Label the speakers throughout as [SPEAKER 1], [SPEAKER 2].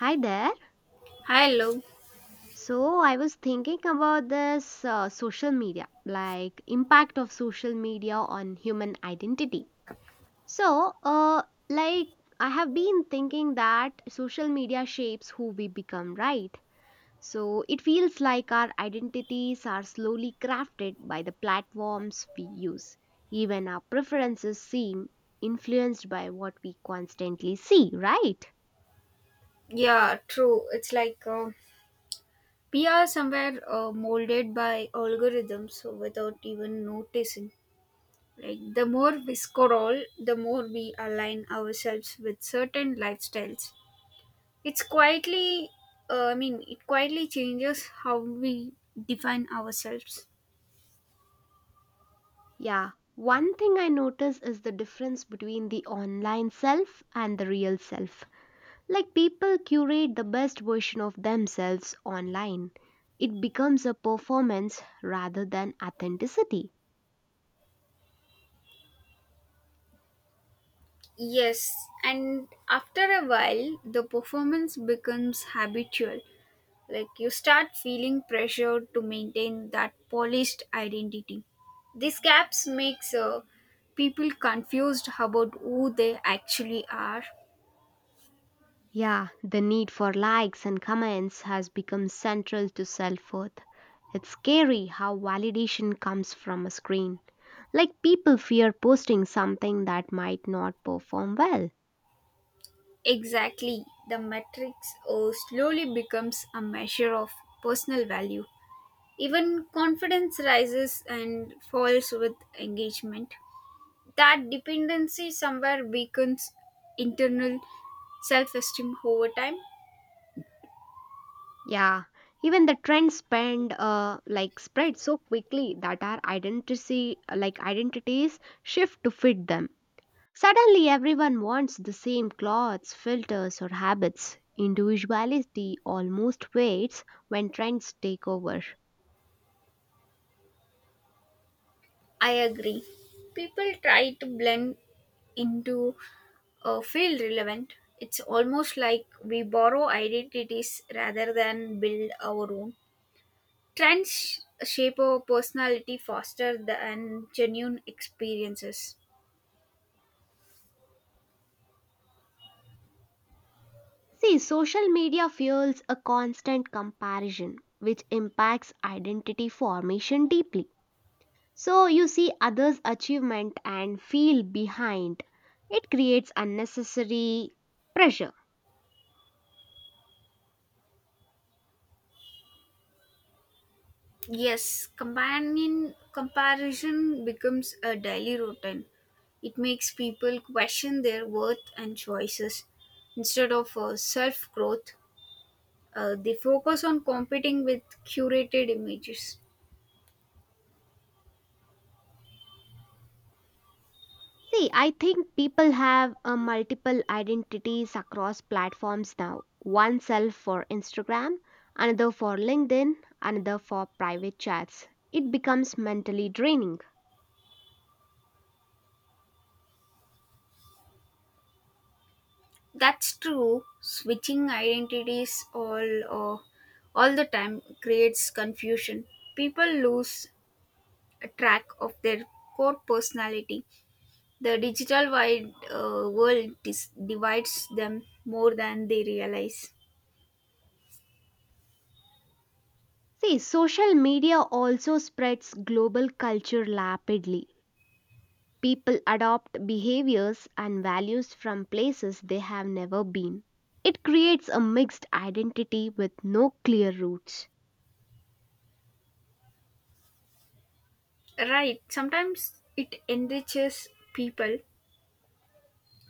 [SPEAKER 1] Hi there.
[SPEAKER 2] Hello.
[SPEAKER 1] So I was thinking about this social media, like impact of social media on human identity. So, like I have been thinking that social media shapes who we become, right? So it feels like our identities are slowly crafted by the platforms we use. Even our preferences seem influenced by what we constantly see, right?
[SPEAKER 2] Yeah, true. It's like we are somewhere molded by algorithms so without even noticing. Like the more we scroll, the more we align ourselves with certain lifestyles. It's quietly, it quietly changes how we define ourselves.
[SPEAKER 1] Yeah, one thing I notice is the difference between the online self and the real self. Like people curate the best version of themselves online. It becomes a performance rather than authenticity.
[SPEAKER 2] Yes, and after a while, the performance becomes habitual. Like you start feeling pressure to maintain that polished identity. These gaps makes people confused about who they actually are.
[SPEAKER 1] Yeah, the need for likes and comments has become central to self worth. It's scary how validation comes from a screen. Like people fear posting something that might not perform well.
[SPEAKER 2] Exactly, the metrics slowly becomes a measure of personal value. Even confidence rises and falls with engagement. That dependency somewhere weakens internal self esteem over time.
[SPEAKER 1] Yeah, even the trend spend spread so quickly that our identity identities shift to fit them. Suddenly everyone wants the same clothes, filters or habits. Individuality almost fades when trends take over.
[SPEAKER 2] I agree. People try to blend into a feel relevant. It's almost like we borrow identities rather than build our own. Trends shape our personality faster than genuine experiences.
[SPEAKER 1] See, social media fuels a constant comparison which impacts identity formation deeply. So you see others' achievement and feel behind. It creates unnecessary pressure.
[SPEAKER 2] Yes, companion comparison becomes a daily routine. It makes people question their worth and choices instead of self growth. They focus on competing with curated images.
[SPEAKER 1] See, I think people have multiple identities across platforms now. One self for Instagram, another for LinkedIn, another for private chats. It becomes mentally draining.
[SPEAKER 2] That's true. Switching identities uh, all the time creates confusion. People lose track of their core personality. The digital wide world divides them more than they realize.
[SPEAKER 1] See, social media also spreads global culture rapidly. People adopt behaviors and values from places they have never been. It creates a mixed identity with no clear roots.
[SPEAKER 2] Right, sometimes it enriches people,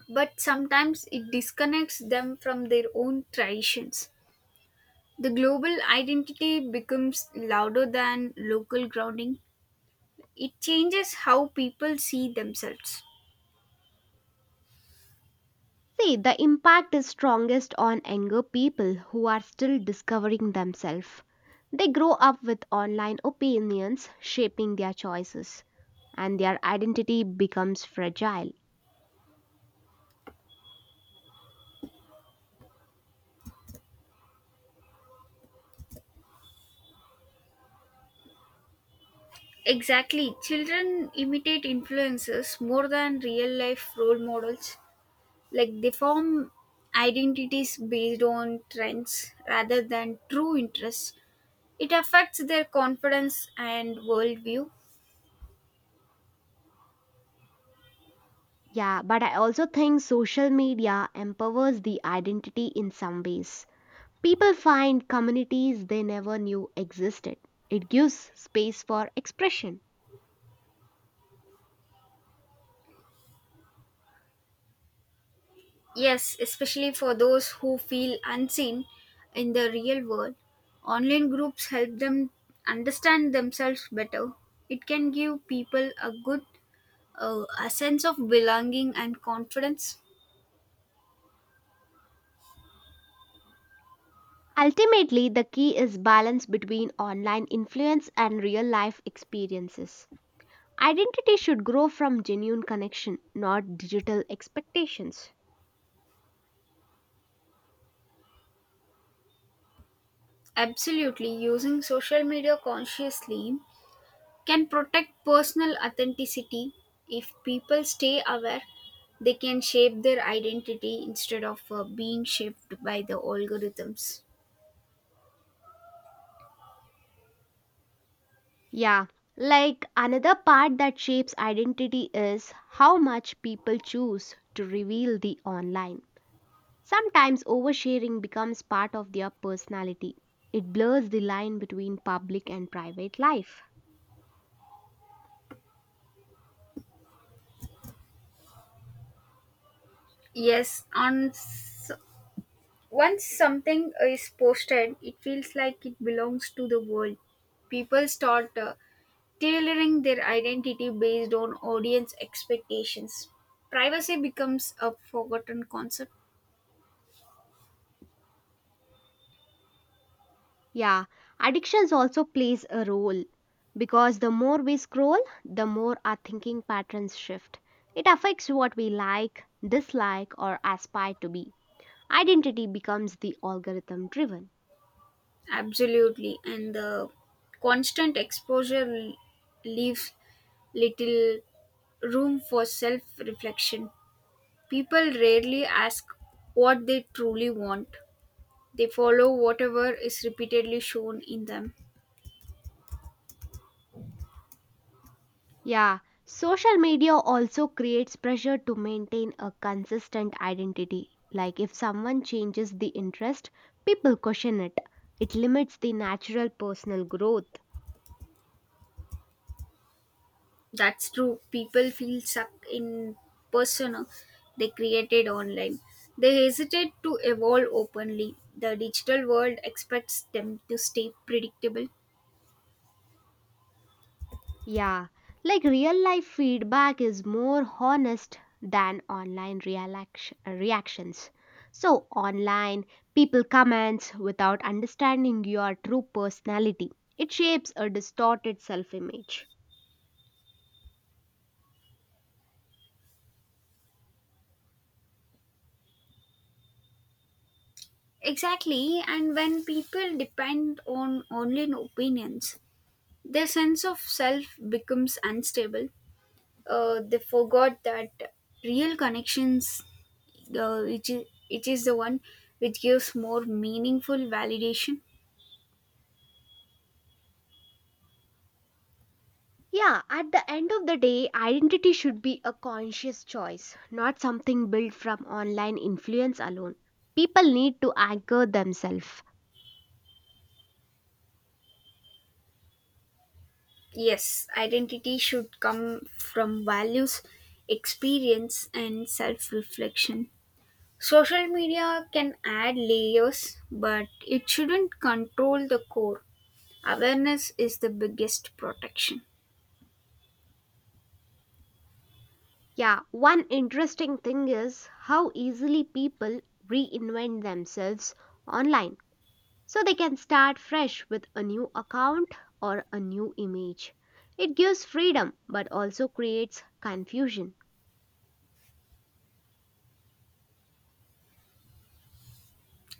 [SPEAKER 2] but sometimes it disconnects them from their own traditions. The global identity becomes louder than local grounding. It changes how people see themselves.
[SPEAKER 1] See, the impact is strongest on younger people who are still discovering themselves. They grow up with online opinions shaping their choices, and their identity becomes fragile.
[SPEAKER 2] Exactly. Children imitate influences more than real life role models. Like they form identities based on trends rather than true interests. It affects their confidence and worldview.
[SPEAKER 1] Yeah, but I also think social media empowers the identity in some ways. People find communities they never knew existed. It gives space for expression.
[SPEAKER 2] Yes, especially for those who feel unseen in the real world. Online groups help them understand themselves better. It can give people a sense of belonging and confidence.
[SPEAKER 1] Ultimately, the key is balance between online influence and real life experiences. Identity should grow from genuine connection, not digital expectations.
[SPEAKER 2] Absolutely, using social media consciously can protect personal authenticity. If people stay aware, they can shape their identity instead of being shaped by the algorithms.
[SPEAKER 1] Yeah, like another part that shapes identity is how much people choose to reveal the online. Sometimes oversharing becomes part of their personality. It blurs the line between public and private life.
[SPEAKER 2] Yes, once something is posted, it feels like it belongs to the world. People start tailoring their identity based on audience expectations. Privacy becomes a forgotten concept.
[SPEAKER 1] Yeah, addictions also plays a role because the more we scroll, the more our thinking patterns shift. It affects what we like, dislike or aspire to be. Identity becomes the algorithm driven.
[SPEAKER 2] Absolutely. And the constant exposure leaves little room for self reflection. People rarely ask what they truly want, they follow whatever is repeatedly shown in them.
[SPEAKER 1] Yeah, social media also creates pressure to maintain a consistent identity. Like if someone changes the interest, people question it. It limits the natural personal growth.
[SPEAKER 2] That's true. People feel stuck in persona they created online. They hesitate to evolve openly. The digital world expects them to stay predictable.
[SPEAKER 1] Yeah, like real life feedback is more honest than online reactions. So, online, people comments without understanding your true personality. It shapes a distorted self image.
[SPEAKER 2] Exactly, and when people depend on online opinions, their sense of self becomes unstable. They forgot that real connections, uh, which, is, which is the one which gives more meaningful validation.
[SPEAKER 1] Yeah, at the end of the day, identity should be a conscious choice, not something built from online influence alone. People need to anchor themselves.
[SPEAKER 2] Yes, identity should come from values, experience, and self reflection. Social media can add layers, but it shouldn't control the core. Awareness is the biggest protection.
[SPEAKER 1] Yeah, one interesting thing is how easily people reinvent themselves online. So they can start fresh with a new account or a new image. It gives freedom but also creates confusion.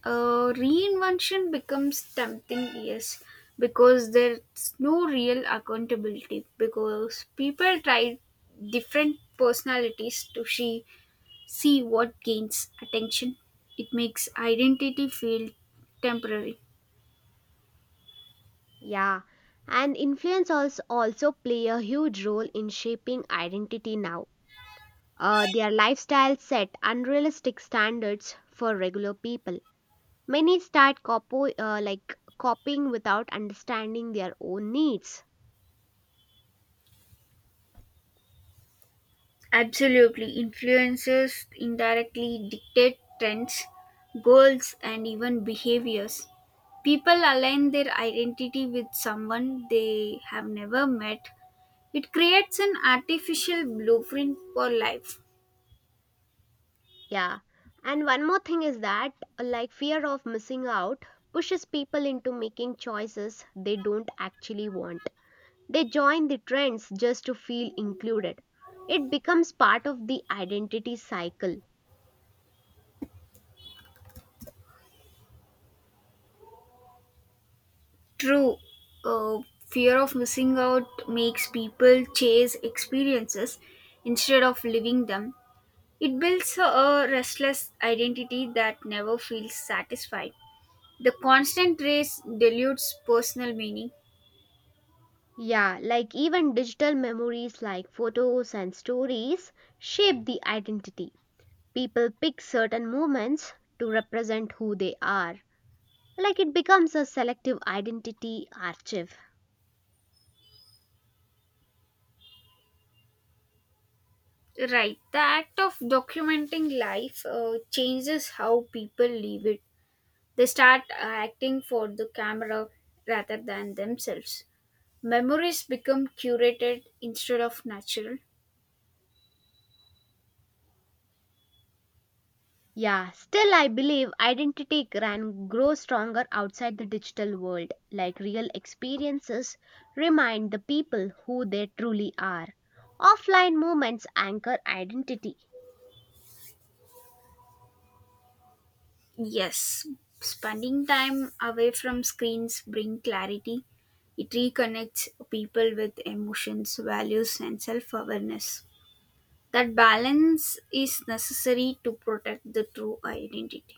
[SPEAKER 2] Reinvention becomes tempting, yes, because there's no real accountability, because people try different personalities to see what gains attention. It makes identity feel temporary.
[SPEAKER 1] Yeah, and influence also play a huge role in shaping identity now. Their lifestyle set unrealistic standards for regular people. Many start copying without understanding their own needs.
[SPEAKER 2] Absolutely. Influencers indirectly dictate trends, goals, and even behaviors. People align their identity with someone they have never met. It creates an artificial blueprint for life.
[SPEAKER 1] Yeah. And one more thing is that like fear of missing out pushes people into making choices they don't actually want. They join the trends just to feel included. It becomes part of the identity cycle.
[SPEAKER 2] True, uh, fear of missing out makes people chase experiences instead of living them. It builds a restless identity that never feels satisfied. The constant race dilutes personal meaning.
[SPEAKER 1] Yeah, like even digital memories like photos and stories shape the identity. People pick certain moments to represent who they are. Like it becomes a selective identity archive.
[SPEAKER 2] Right, the act of documenting life changes how people live it. They start acting for the camera rather than themselves. Memories become curated instead of natural.
[SPEAKER 1] Yeah, still I believe identity can grow stronger outside the digital world. Like real experiences remind the people who they truly are. Offline moments anchor identity.
[SPEAKER 2] Yes, spending time away from screens bring clarity. It reconnects people with emotions, values and self-awareness. That balance is necessary to protect the true identity.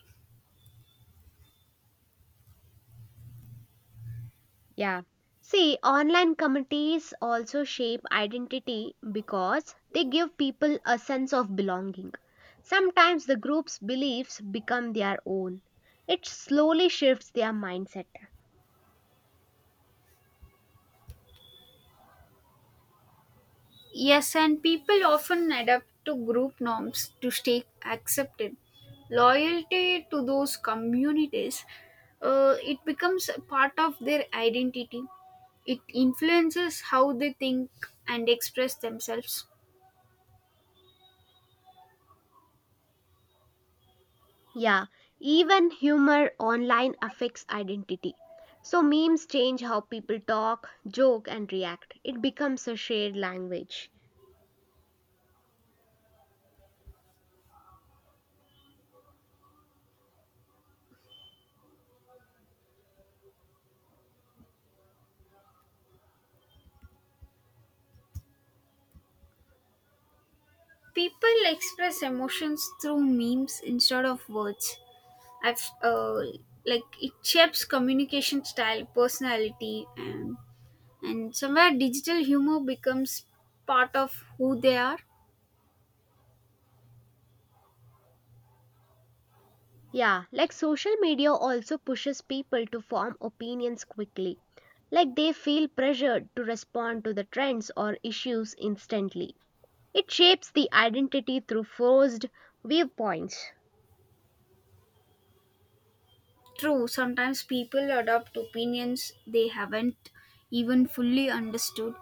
[SPEAKER 1] Yeah. See, online communities also shape identity because they give people a sense of belonging. Sometimes the group's beliefs become their own. It slowly shifts their mindset.
[SPEAKER 2] Yes, and people often adapt to group norms to stay accepted. Loyalty to those communities, it becomes a part of their identity. It influences how they think and express themselves.
[SPEAKER 1] Yeah, even humor online affects identity. So memes change how people talk, joke, and react. It becomes a shared language.
[SPEAKER 2] People express emotions through memes instead of words. I've like it shapes communication style, personality, and somewhere digital humor becomes part of who they are.
[SPEAKER 1] Yeah, like social media also pushes people to form opinions quickly. Like they feel pressured to respond to the trends or issues instantly. It shapes the identity through forced viewpoints.
[SPEAKER 2] True, sometimes people adopt opinions they haven't even fully understood.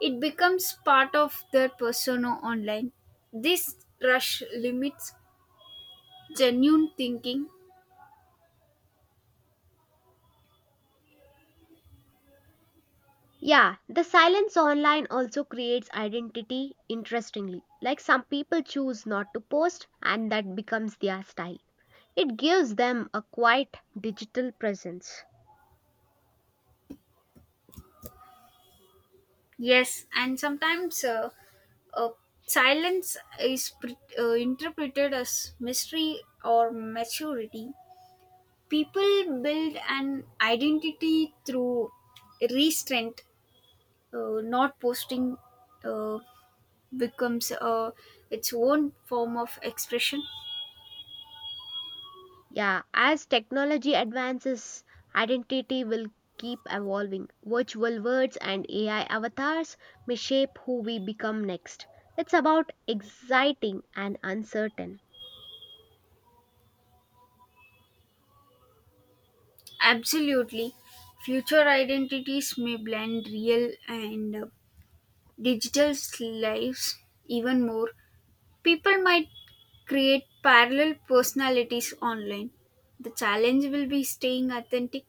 [SPEAKER 2] It becomes part of their persona online. This rush limits genuine thinking.
[SPEAKER 1] Yeah, the silence online also creates identity interestingly. Like some people choose not to post and that becomes their style. It gives them a quiet digital presence.
[SPEAKER 2] Yes, and sometimes uh, silence is interpreted as mystery or maturity. People build an identity through restraint. Not posting uh, becomes its own form of expression.
[SPEAKER 1] Yeah, as technology advances, identity will keep evolving. Virtual words and AI avatars may shape who we become next. It's about exciting and uncertain.
[SPEAKER 2] Absolutely. Future identities may blend real and digital lives even more. People might create parallel personalities online. The challenge will be staying authentic.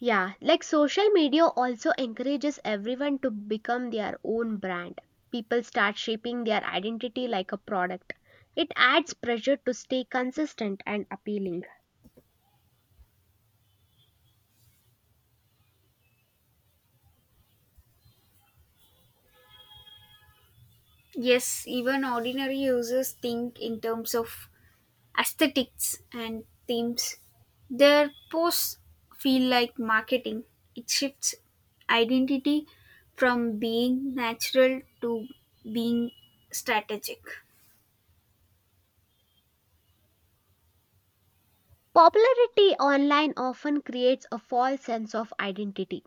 [SPEAKER 1] Yeah, like social media also encourages everyone to become their own brand. People start shaping their identity like a product. It adds pressure to stay consistent and appealing.
[SPEAKER 2] Yes, even ordinary users think in terms of aesthetics and themes. Their posts feel like marketing. It shifts identity from being natural to being strategic.
[SPEAKER 1] Popularity online often creates a false sense of identity.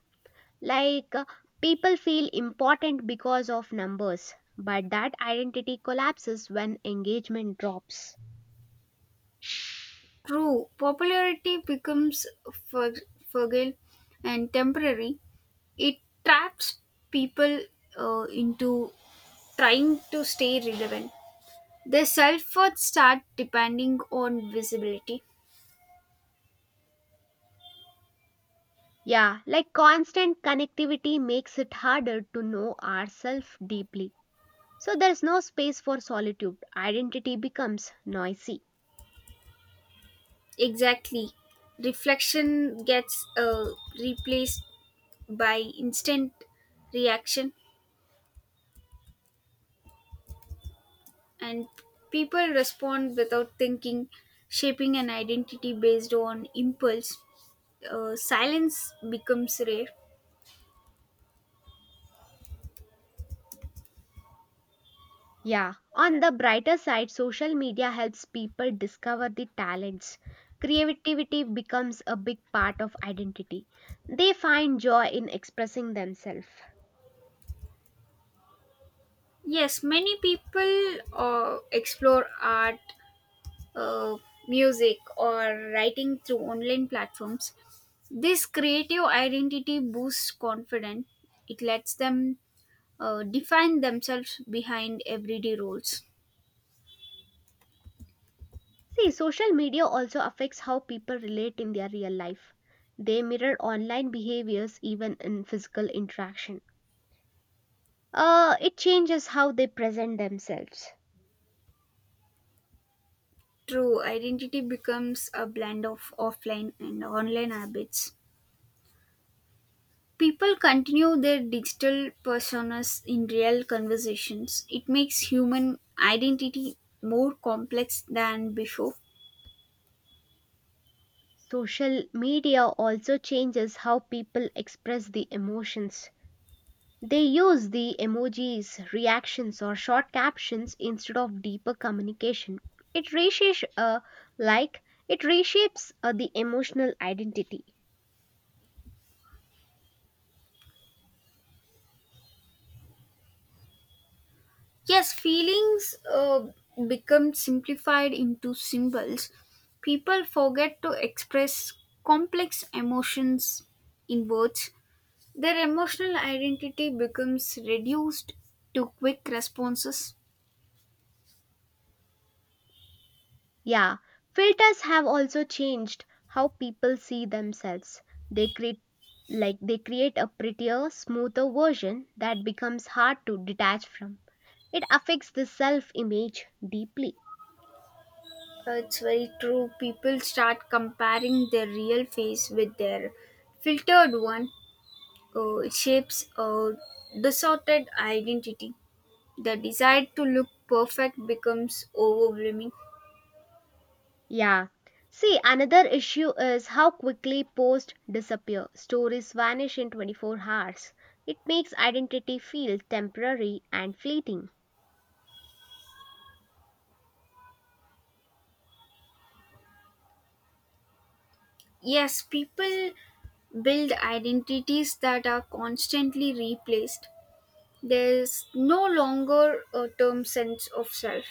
[SPEAKER 1] Like, uh, People feel important because of numbers, but that identity collapses when engagement drops.
[SPEAKER 2] True, popularity becomes fug- fragile and temporary. It traps people into trying to stay relevant. Their self worth start depending on visibility.
[SPEAKER 1] Yeah, like constant connectivity makes it harder to know ourselves deeply. So there's no space for solitude. Identity becomes noisy.
[SPEAKER 2] Exactly. Reflection gets replaced by instant reaction, and people respond without thinking, shaping an identity based on impulse. Silence becomes rare.
[SPEAKER 1] Yeah, on the brighter side, social media helps people discover the talents. Creativity becomes a big part of identity. They find joy in expressing themselves.
[SPEAKER 2] Yes, many people explore art, uh, music or writing through online platforms. This creative identity boosts confidence. It lets them define themselves behind everyday roles.
[SPEAKER 1] See, social media also affects how people relate in their real life. They mirror online behaviors even in physical interaction. It changes how they present themselves.
[SPEAKER 2] True, identity becomes a blend of offline and online habits. People continue their digital personas in real conversations. It makes human identity more complex than before.
[SPEAKER 1] Social media also changes how people express the emotions. They use the emojis, reactions, or short captions instead of deeper communication. It reshapes, uh, like, it reshapes the emotional identity.
[SPEAKER 2] Yes, feelings become simplified into symbols. People forget to express complex emotions in words. Their emotional identity becomes reduced to quick responses.
[SPEAKER 1] Yeah, filters have also changed how people see themselves. They create they create a prettier, smoother version that becomes hard to detach from. It affects the self-image deeply.
[SPEAKER 2] It's very true. People start comparing their real face with their filtered one. It shapes a distorted identity. The desire to look perfect becomes overwhelming.
[SPEAKER 1] Yeah. See, another issue is how quickly posts disappear. Stories vanish in 24 hours. It makes identity feel temporary and fleeting.
[SPEAKER 2] Yes, people build identities that are constantly replaced. There's no longer a term sense of self.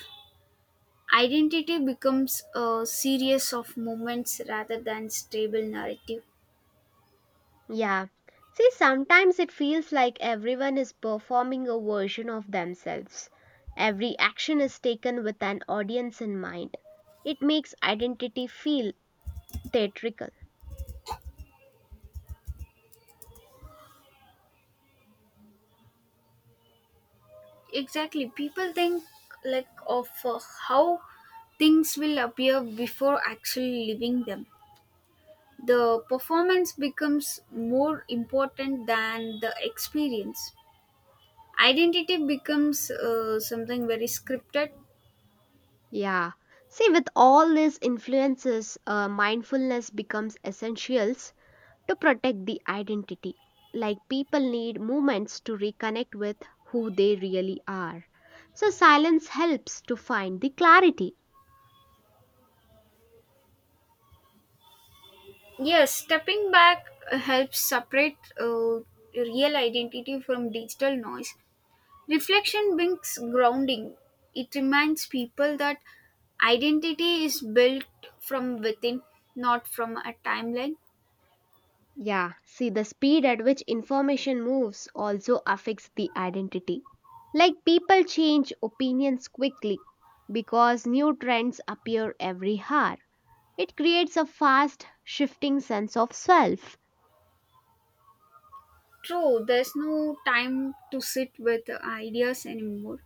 [SPEAKER 2] Identity becomes a series of moments rather than stable narrative.
[SPEAKER 1] Yeah. See, sometimes it feels like everyone is performing a version of themselves. Every action is taken with an audience in mind. It makes identity feel theatrical.
[SPEAKER 2] Exactly, people think of how things will appear before actually living them. The performance becomes more important than the experience. Identity becomes something very scripted.
[SPEAKER 1] Yeah. See, with all these influences, mindfulness becomes essentials to protect the identity. Like people need moments to reconnect with who they really are. So silence helps to find the clarity.
[SPEAKER 2] Yes, stepping back helps separate real identity from digital noise. Reflection brings grounding. It reminds people that identity is built from within, not from a timeline.
[SPEAKER 1] Yeah, see, the speed at which information moves also affects the identity. Like people change opinions quickly because new trends appear every hour. It creates a fast shifting sense of self.
[SPEAKER 2] True, there's no time to sit with ideas anymore.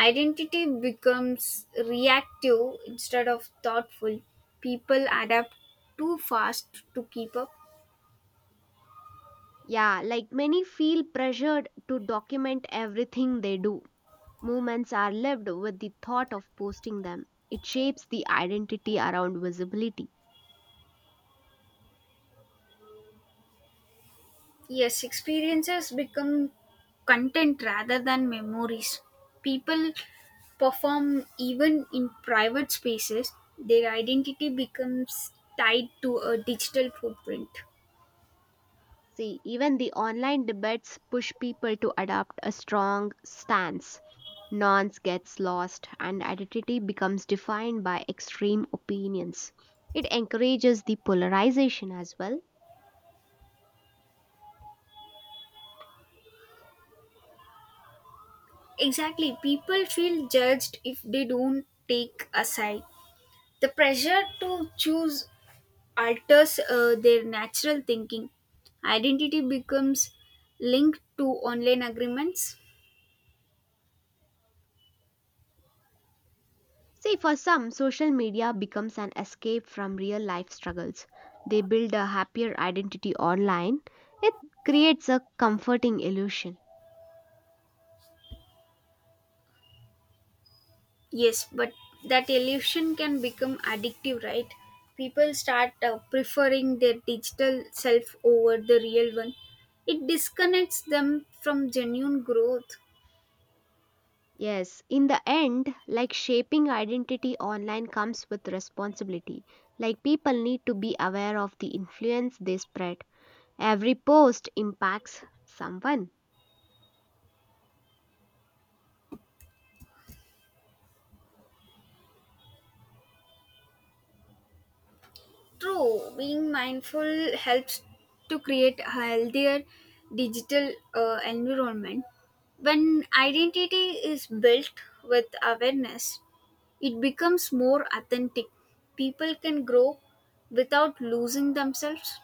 [SPEAKER 2] Identity becomes reactive instead of thoughtful. People adapt too fast to keep up.
[SPEAKER 1] Yeah, like many feel pressured to document everything they do. Movements are lived with the thought of posting them. It shapes the identity around visibility.
[SPEAKER 2] Yes, experiences become content rather than memories. People perform even in private spaces, their identity becomes tied to a digital footprint.
[SPEAKER 1] See, even the online debates push people to adopt a strong stance. Nuance gets lost, and identity becomes defined by extreme opinions. It encourages the polarization as well.
[SPEAKER 2] Exactly, people feel judged if they don't take a side. The pressure to choose alters their natural thinking. Identity becomes linked to online agreements.
[SPEAKER 1] See, for some, social media becomes an escape from real life struggles. They build a happier identity online. It creates a comforting illusion.
[SPEAKER 2] Yes, but that illusion can become addictive, right? People start preferring their digital self over the real one. It disconnects them from genuine growth.
[SPEAKER 1] Yes, in the end, like shaping identity online comes with responsibility. Like people need to be aware of the influence they spread. Every post impacts someone.
[SPEAKER 2] True, being mindful helps to create a healthier digital environment. When identity is built with awareness, it becomes more authentic. People can grow without losing themselves.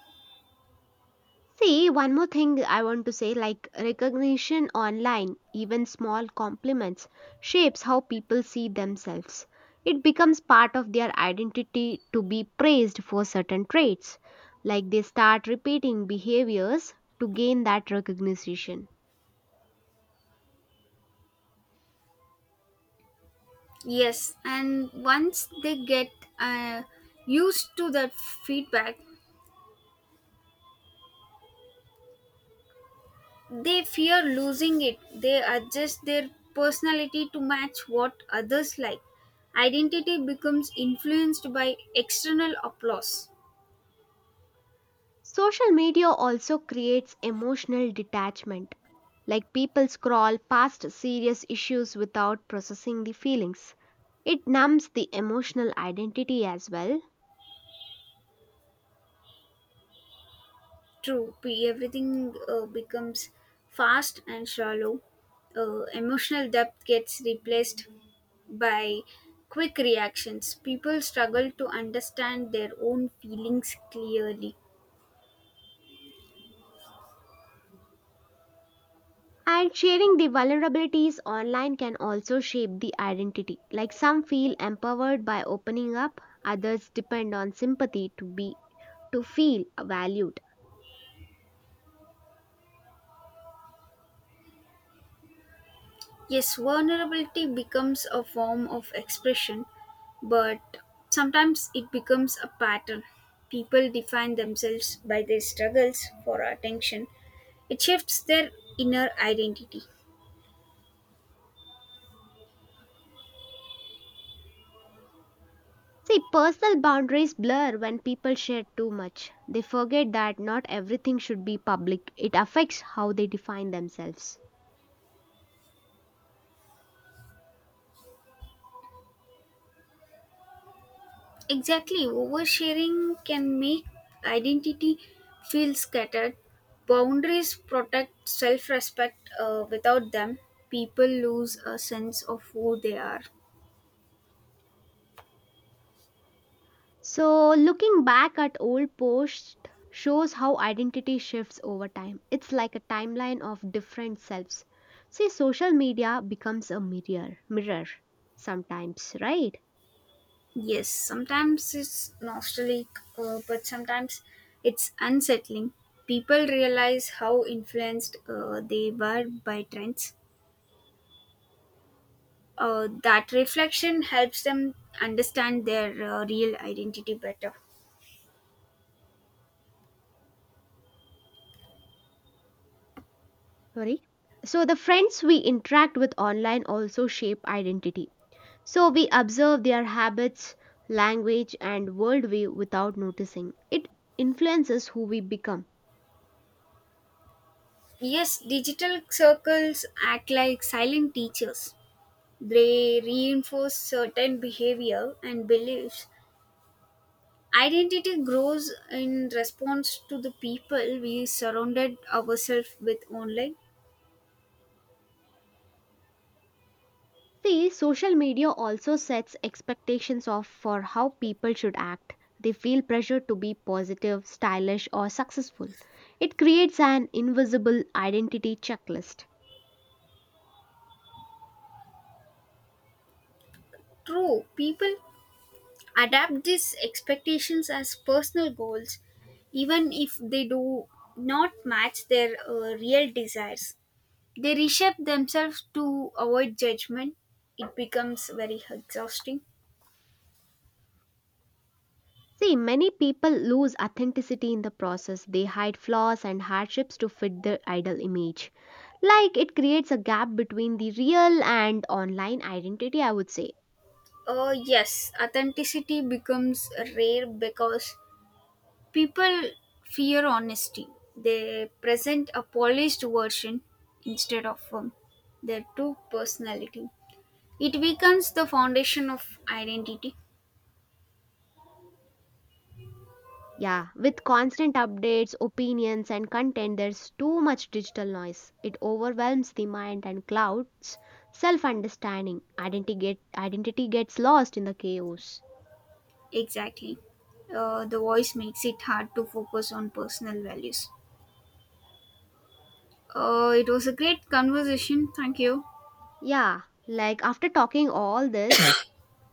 [SPEAKER 1] See, one more thing I want to say like recognition online, even small compliments, shapes how people see themselves. It becomes part of their identity to be praised for certain traits. Like they start repeating behaviors to gain that recognition.
[SPEAKER 2] Yes, and once they get uh, used to that feedback, they fear losing it. They adjust their personality to match what others like. Identity becomes influenced by external applause.
[SPEAKER 1] Social media also creates emotional detachment, like people scroll past serious issues without processing the feelings. It numbs the emotional identity as well.
[SPEAKER 2] True, everything becomes fast and shallow. Emotional depth gets replaced by quick reactions. People struggle to understand their own feelings clearly.
[SPEAKER 1] And sharing the vulnerabilities online can also shape the identity. Like some feel empowered by opening up, others depend on sympathy to feel valued.
[SPEAKER 2] Yes, vulnerability becomes a form of expression, but sometimes it becomes a pattern. People define themselves by their struggles for attention. It shifts their inner identity.
[SPEAKER 1] See, personal boundaries blur when people share too much. They forget that not everything should be public, it affects how they define themselves.
[SPEAKER 2] Exactly, oversharing can make identity feel scattered. Boundaries protect self respect. Without them, people lose a sense of who they are.
[SPEAKER 1] So, looking back at old posts shows how identity shifts over time. It's like a timeline of different selves. See, social media becomes a mirror sometimes, right?
[SPEAKER 2] Yes, sometimes it's nostalgic, but sometimes it's unsettling. People realize how influenced they were by trends. That reflection helps them understand their real identity better.
[SPEAKER 1] Sorry. So, the friends we interact with online also shape identity. So we observe their habits, language, and worldview without noticing. It influences who we become.
[SPEAKER 2] Yes, digital circles act like silent teachers. They reinforce certain behavior and beliefs. Identity grows in response to the people we surrounded ourselves with online.
[SPEAKER 1] See, social media also sets expectations of for how people should act. They feel pressure to be positive, stylish, or successful. It creates an invisible identity checklist.
[SPEAKER 2] True, people adapt these expectations as personal goals, even if they do not match their real desires. They reshape themselves to avoid judgment. It becomes very exhausting.
[SPEAKER 1] See, many people lose authenticity in the process. They hide flaws and hardships to fit their idol image. Like it creates a gap between the real and online identity, I would say.
[SPEAKER 2] Yes, authenticity becomes rare because people fear honesty. They present a polished version instead of their true personality. It weakens the foundation of identity.
[SPEAKER 1] Yeah, with constant updates, opinions, and content, there's too much digital noise. It overwhelms the mind and clouds self understanding. Identity gets lost in the chaos.
[SPEAKER 2] Exactly. The voice makes it hard to focus on personal values. It was a great conversation. Thank you.
[SPEAKER 1] Yeah, like after talking all this,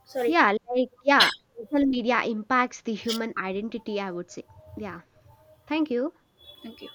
[SPEAKER 2] Sorry.
[SPEAKER 1] Yeah, like, yeah, social media impacts the human identity, I would say. Yeah, thank you.
[SPEAKER 2] Thank you.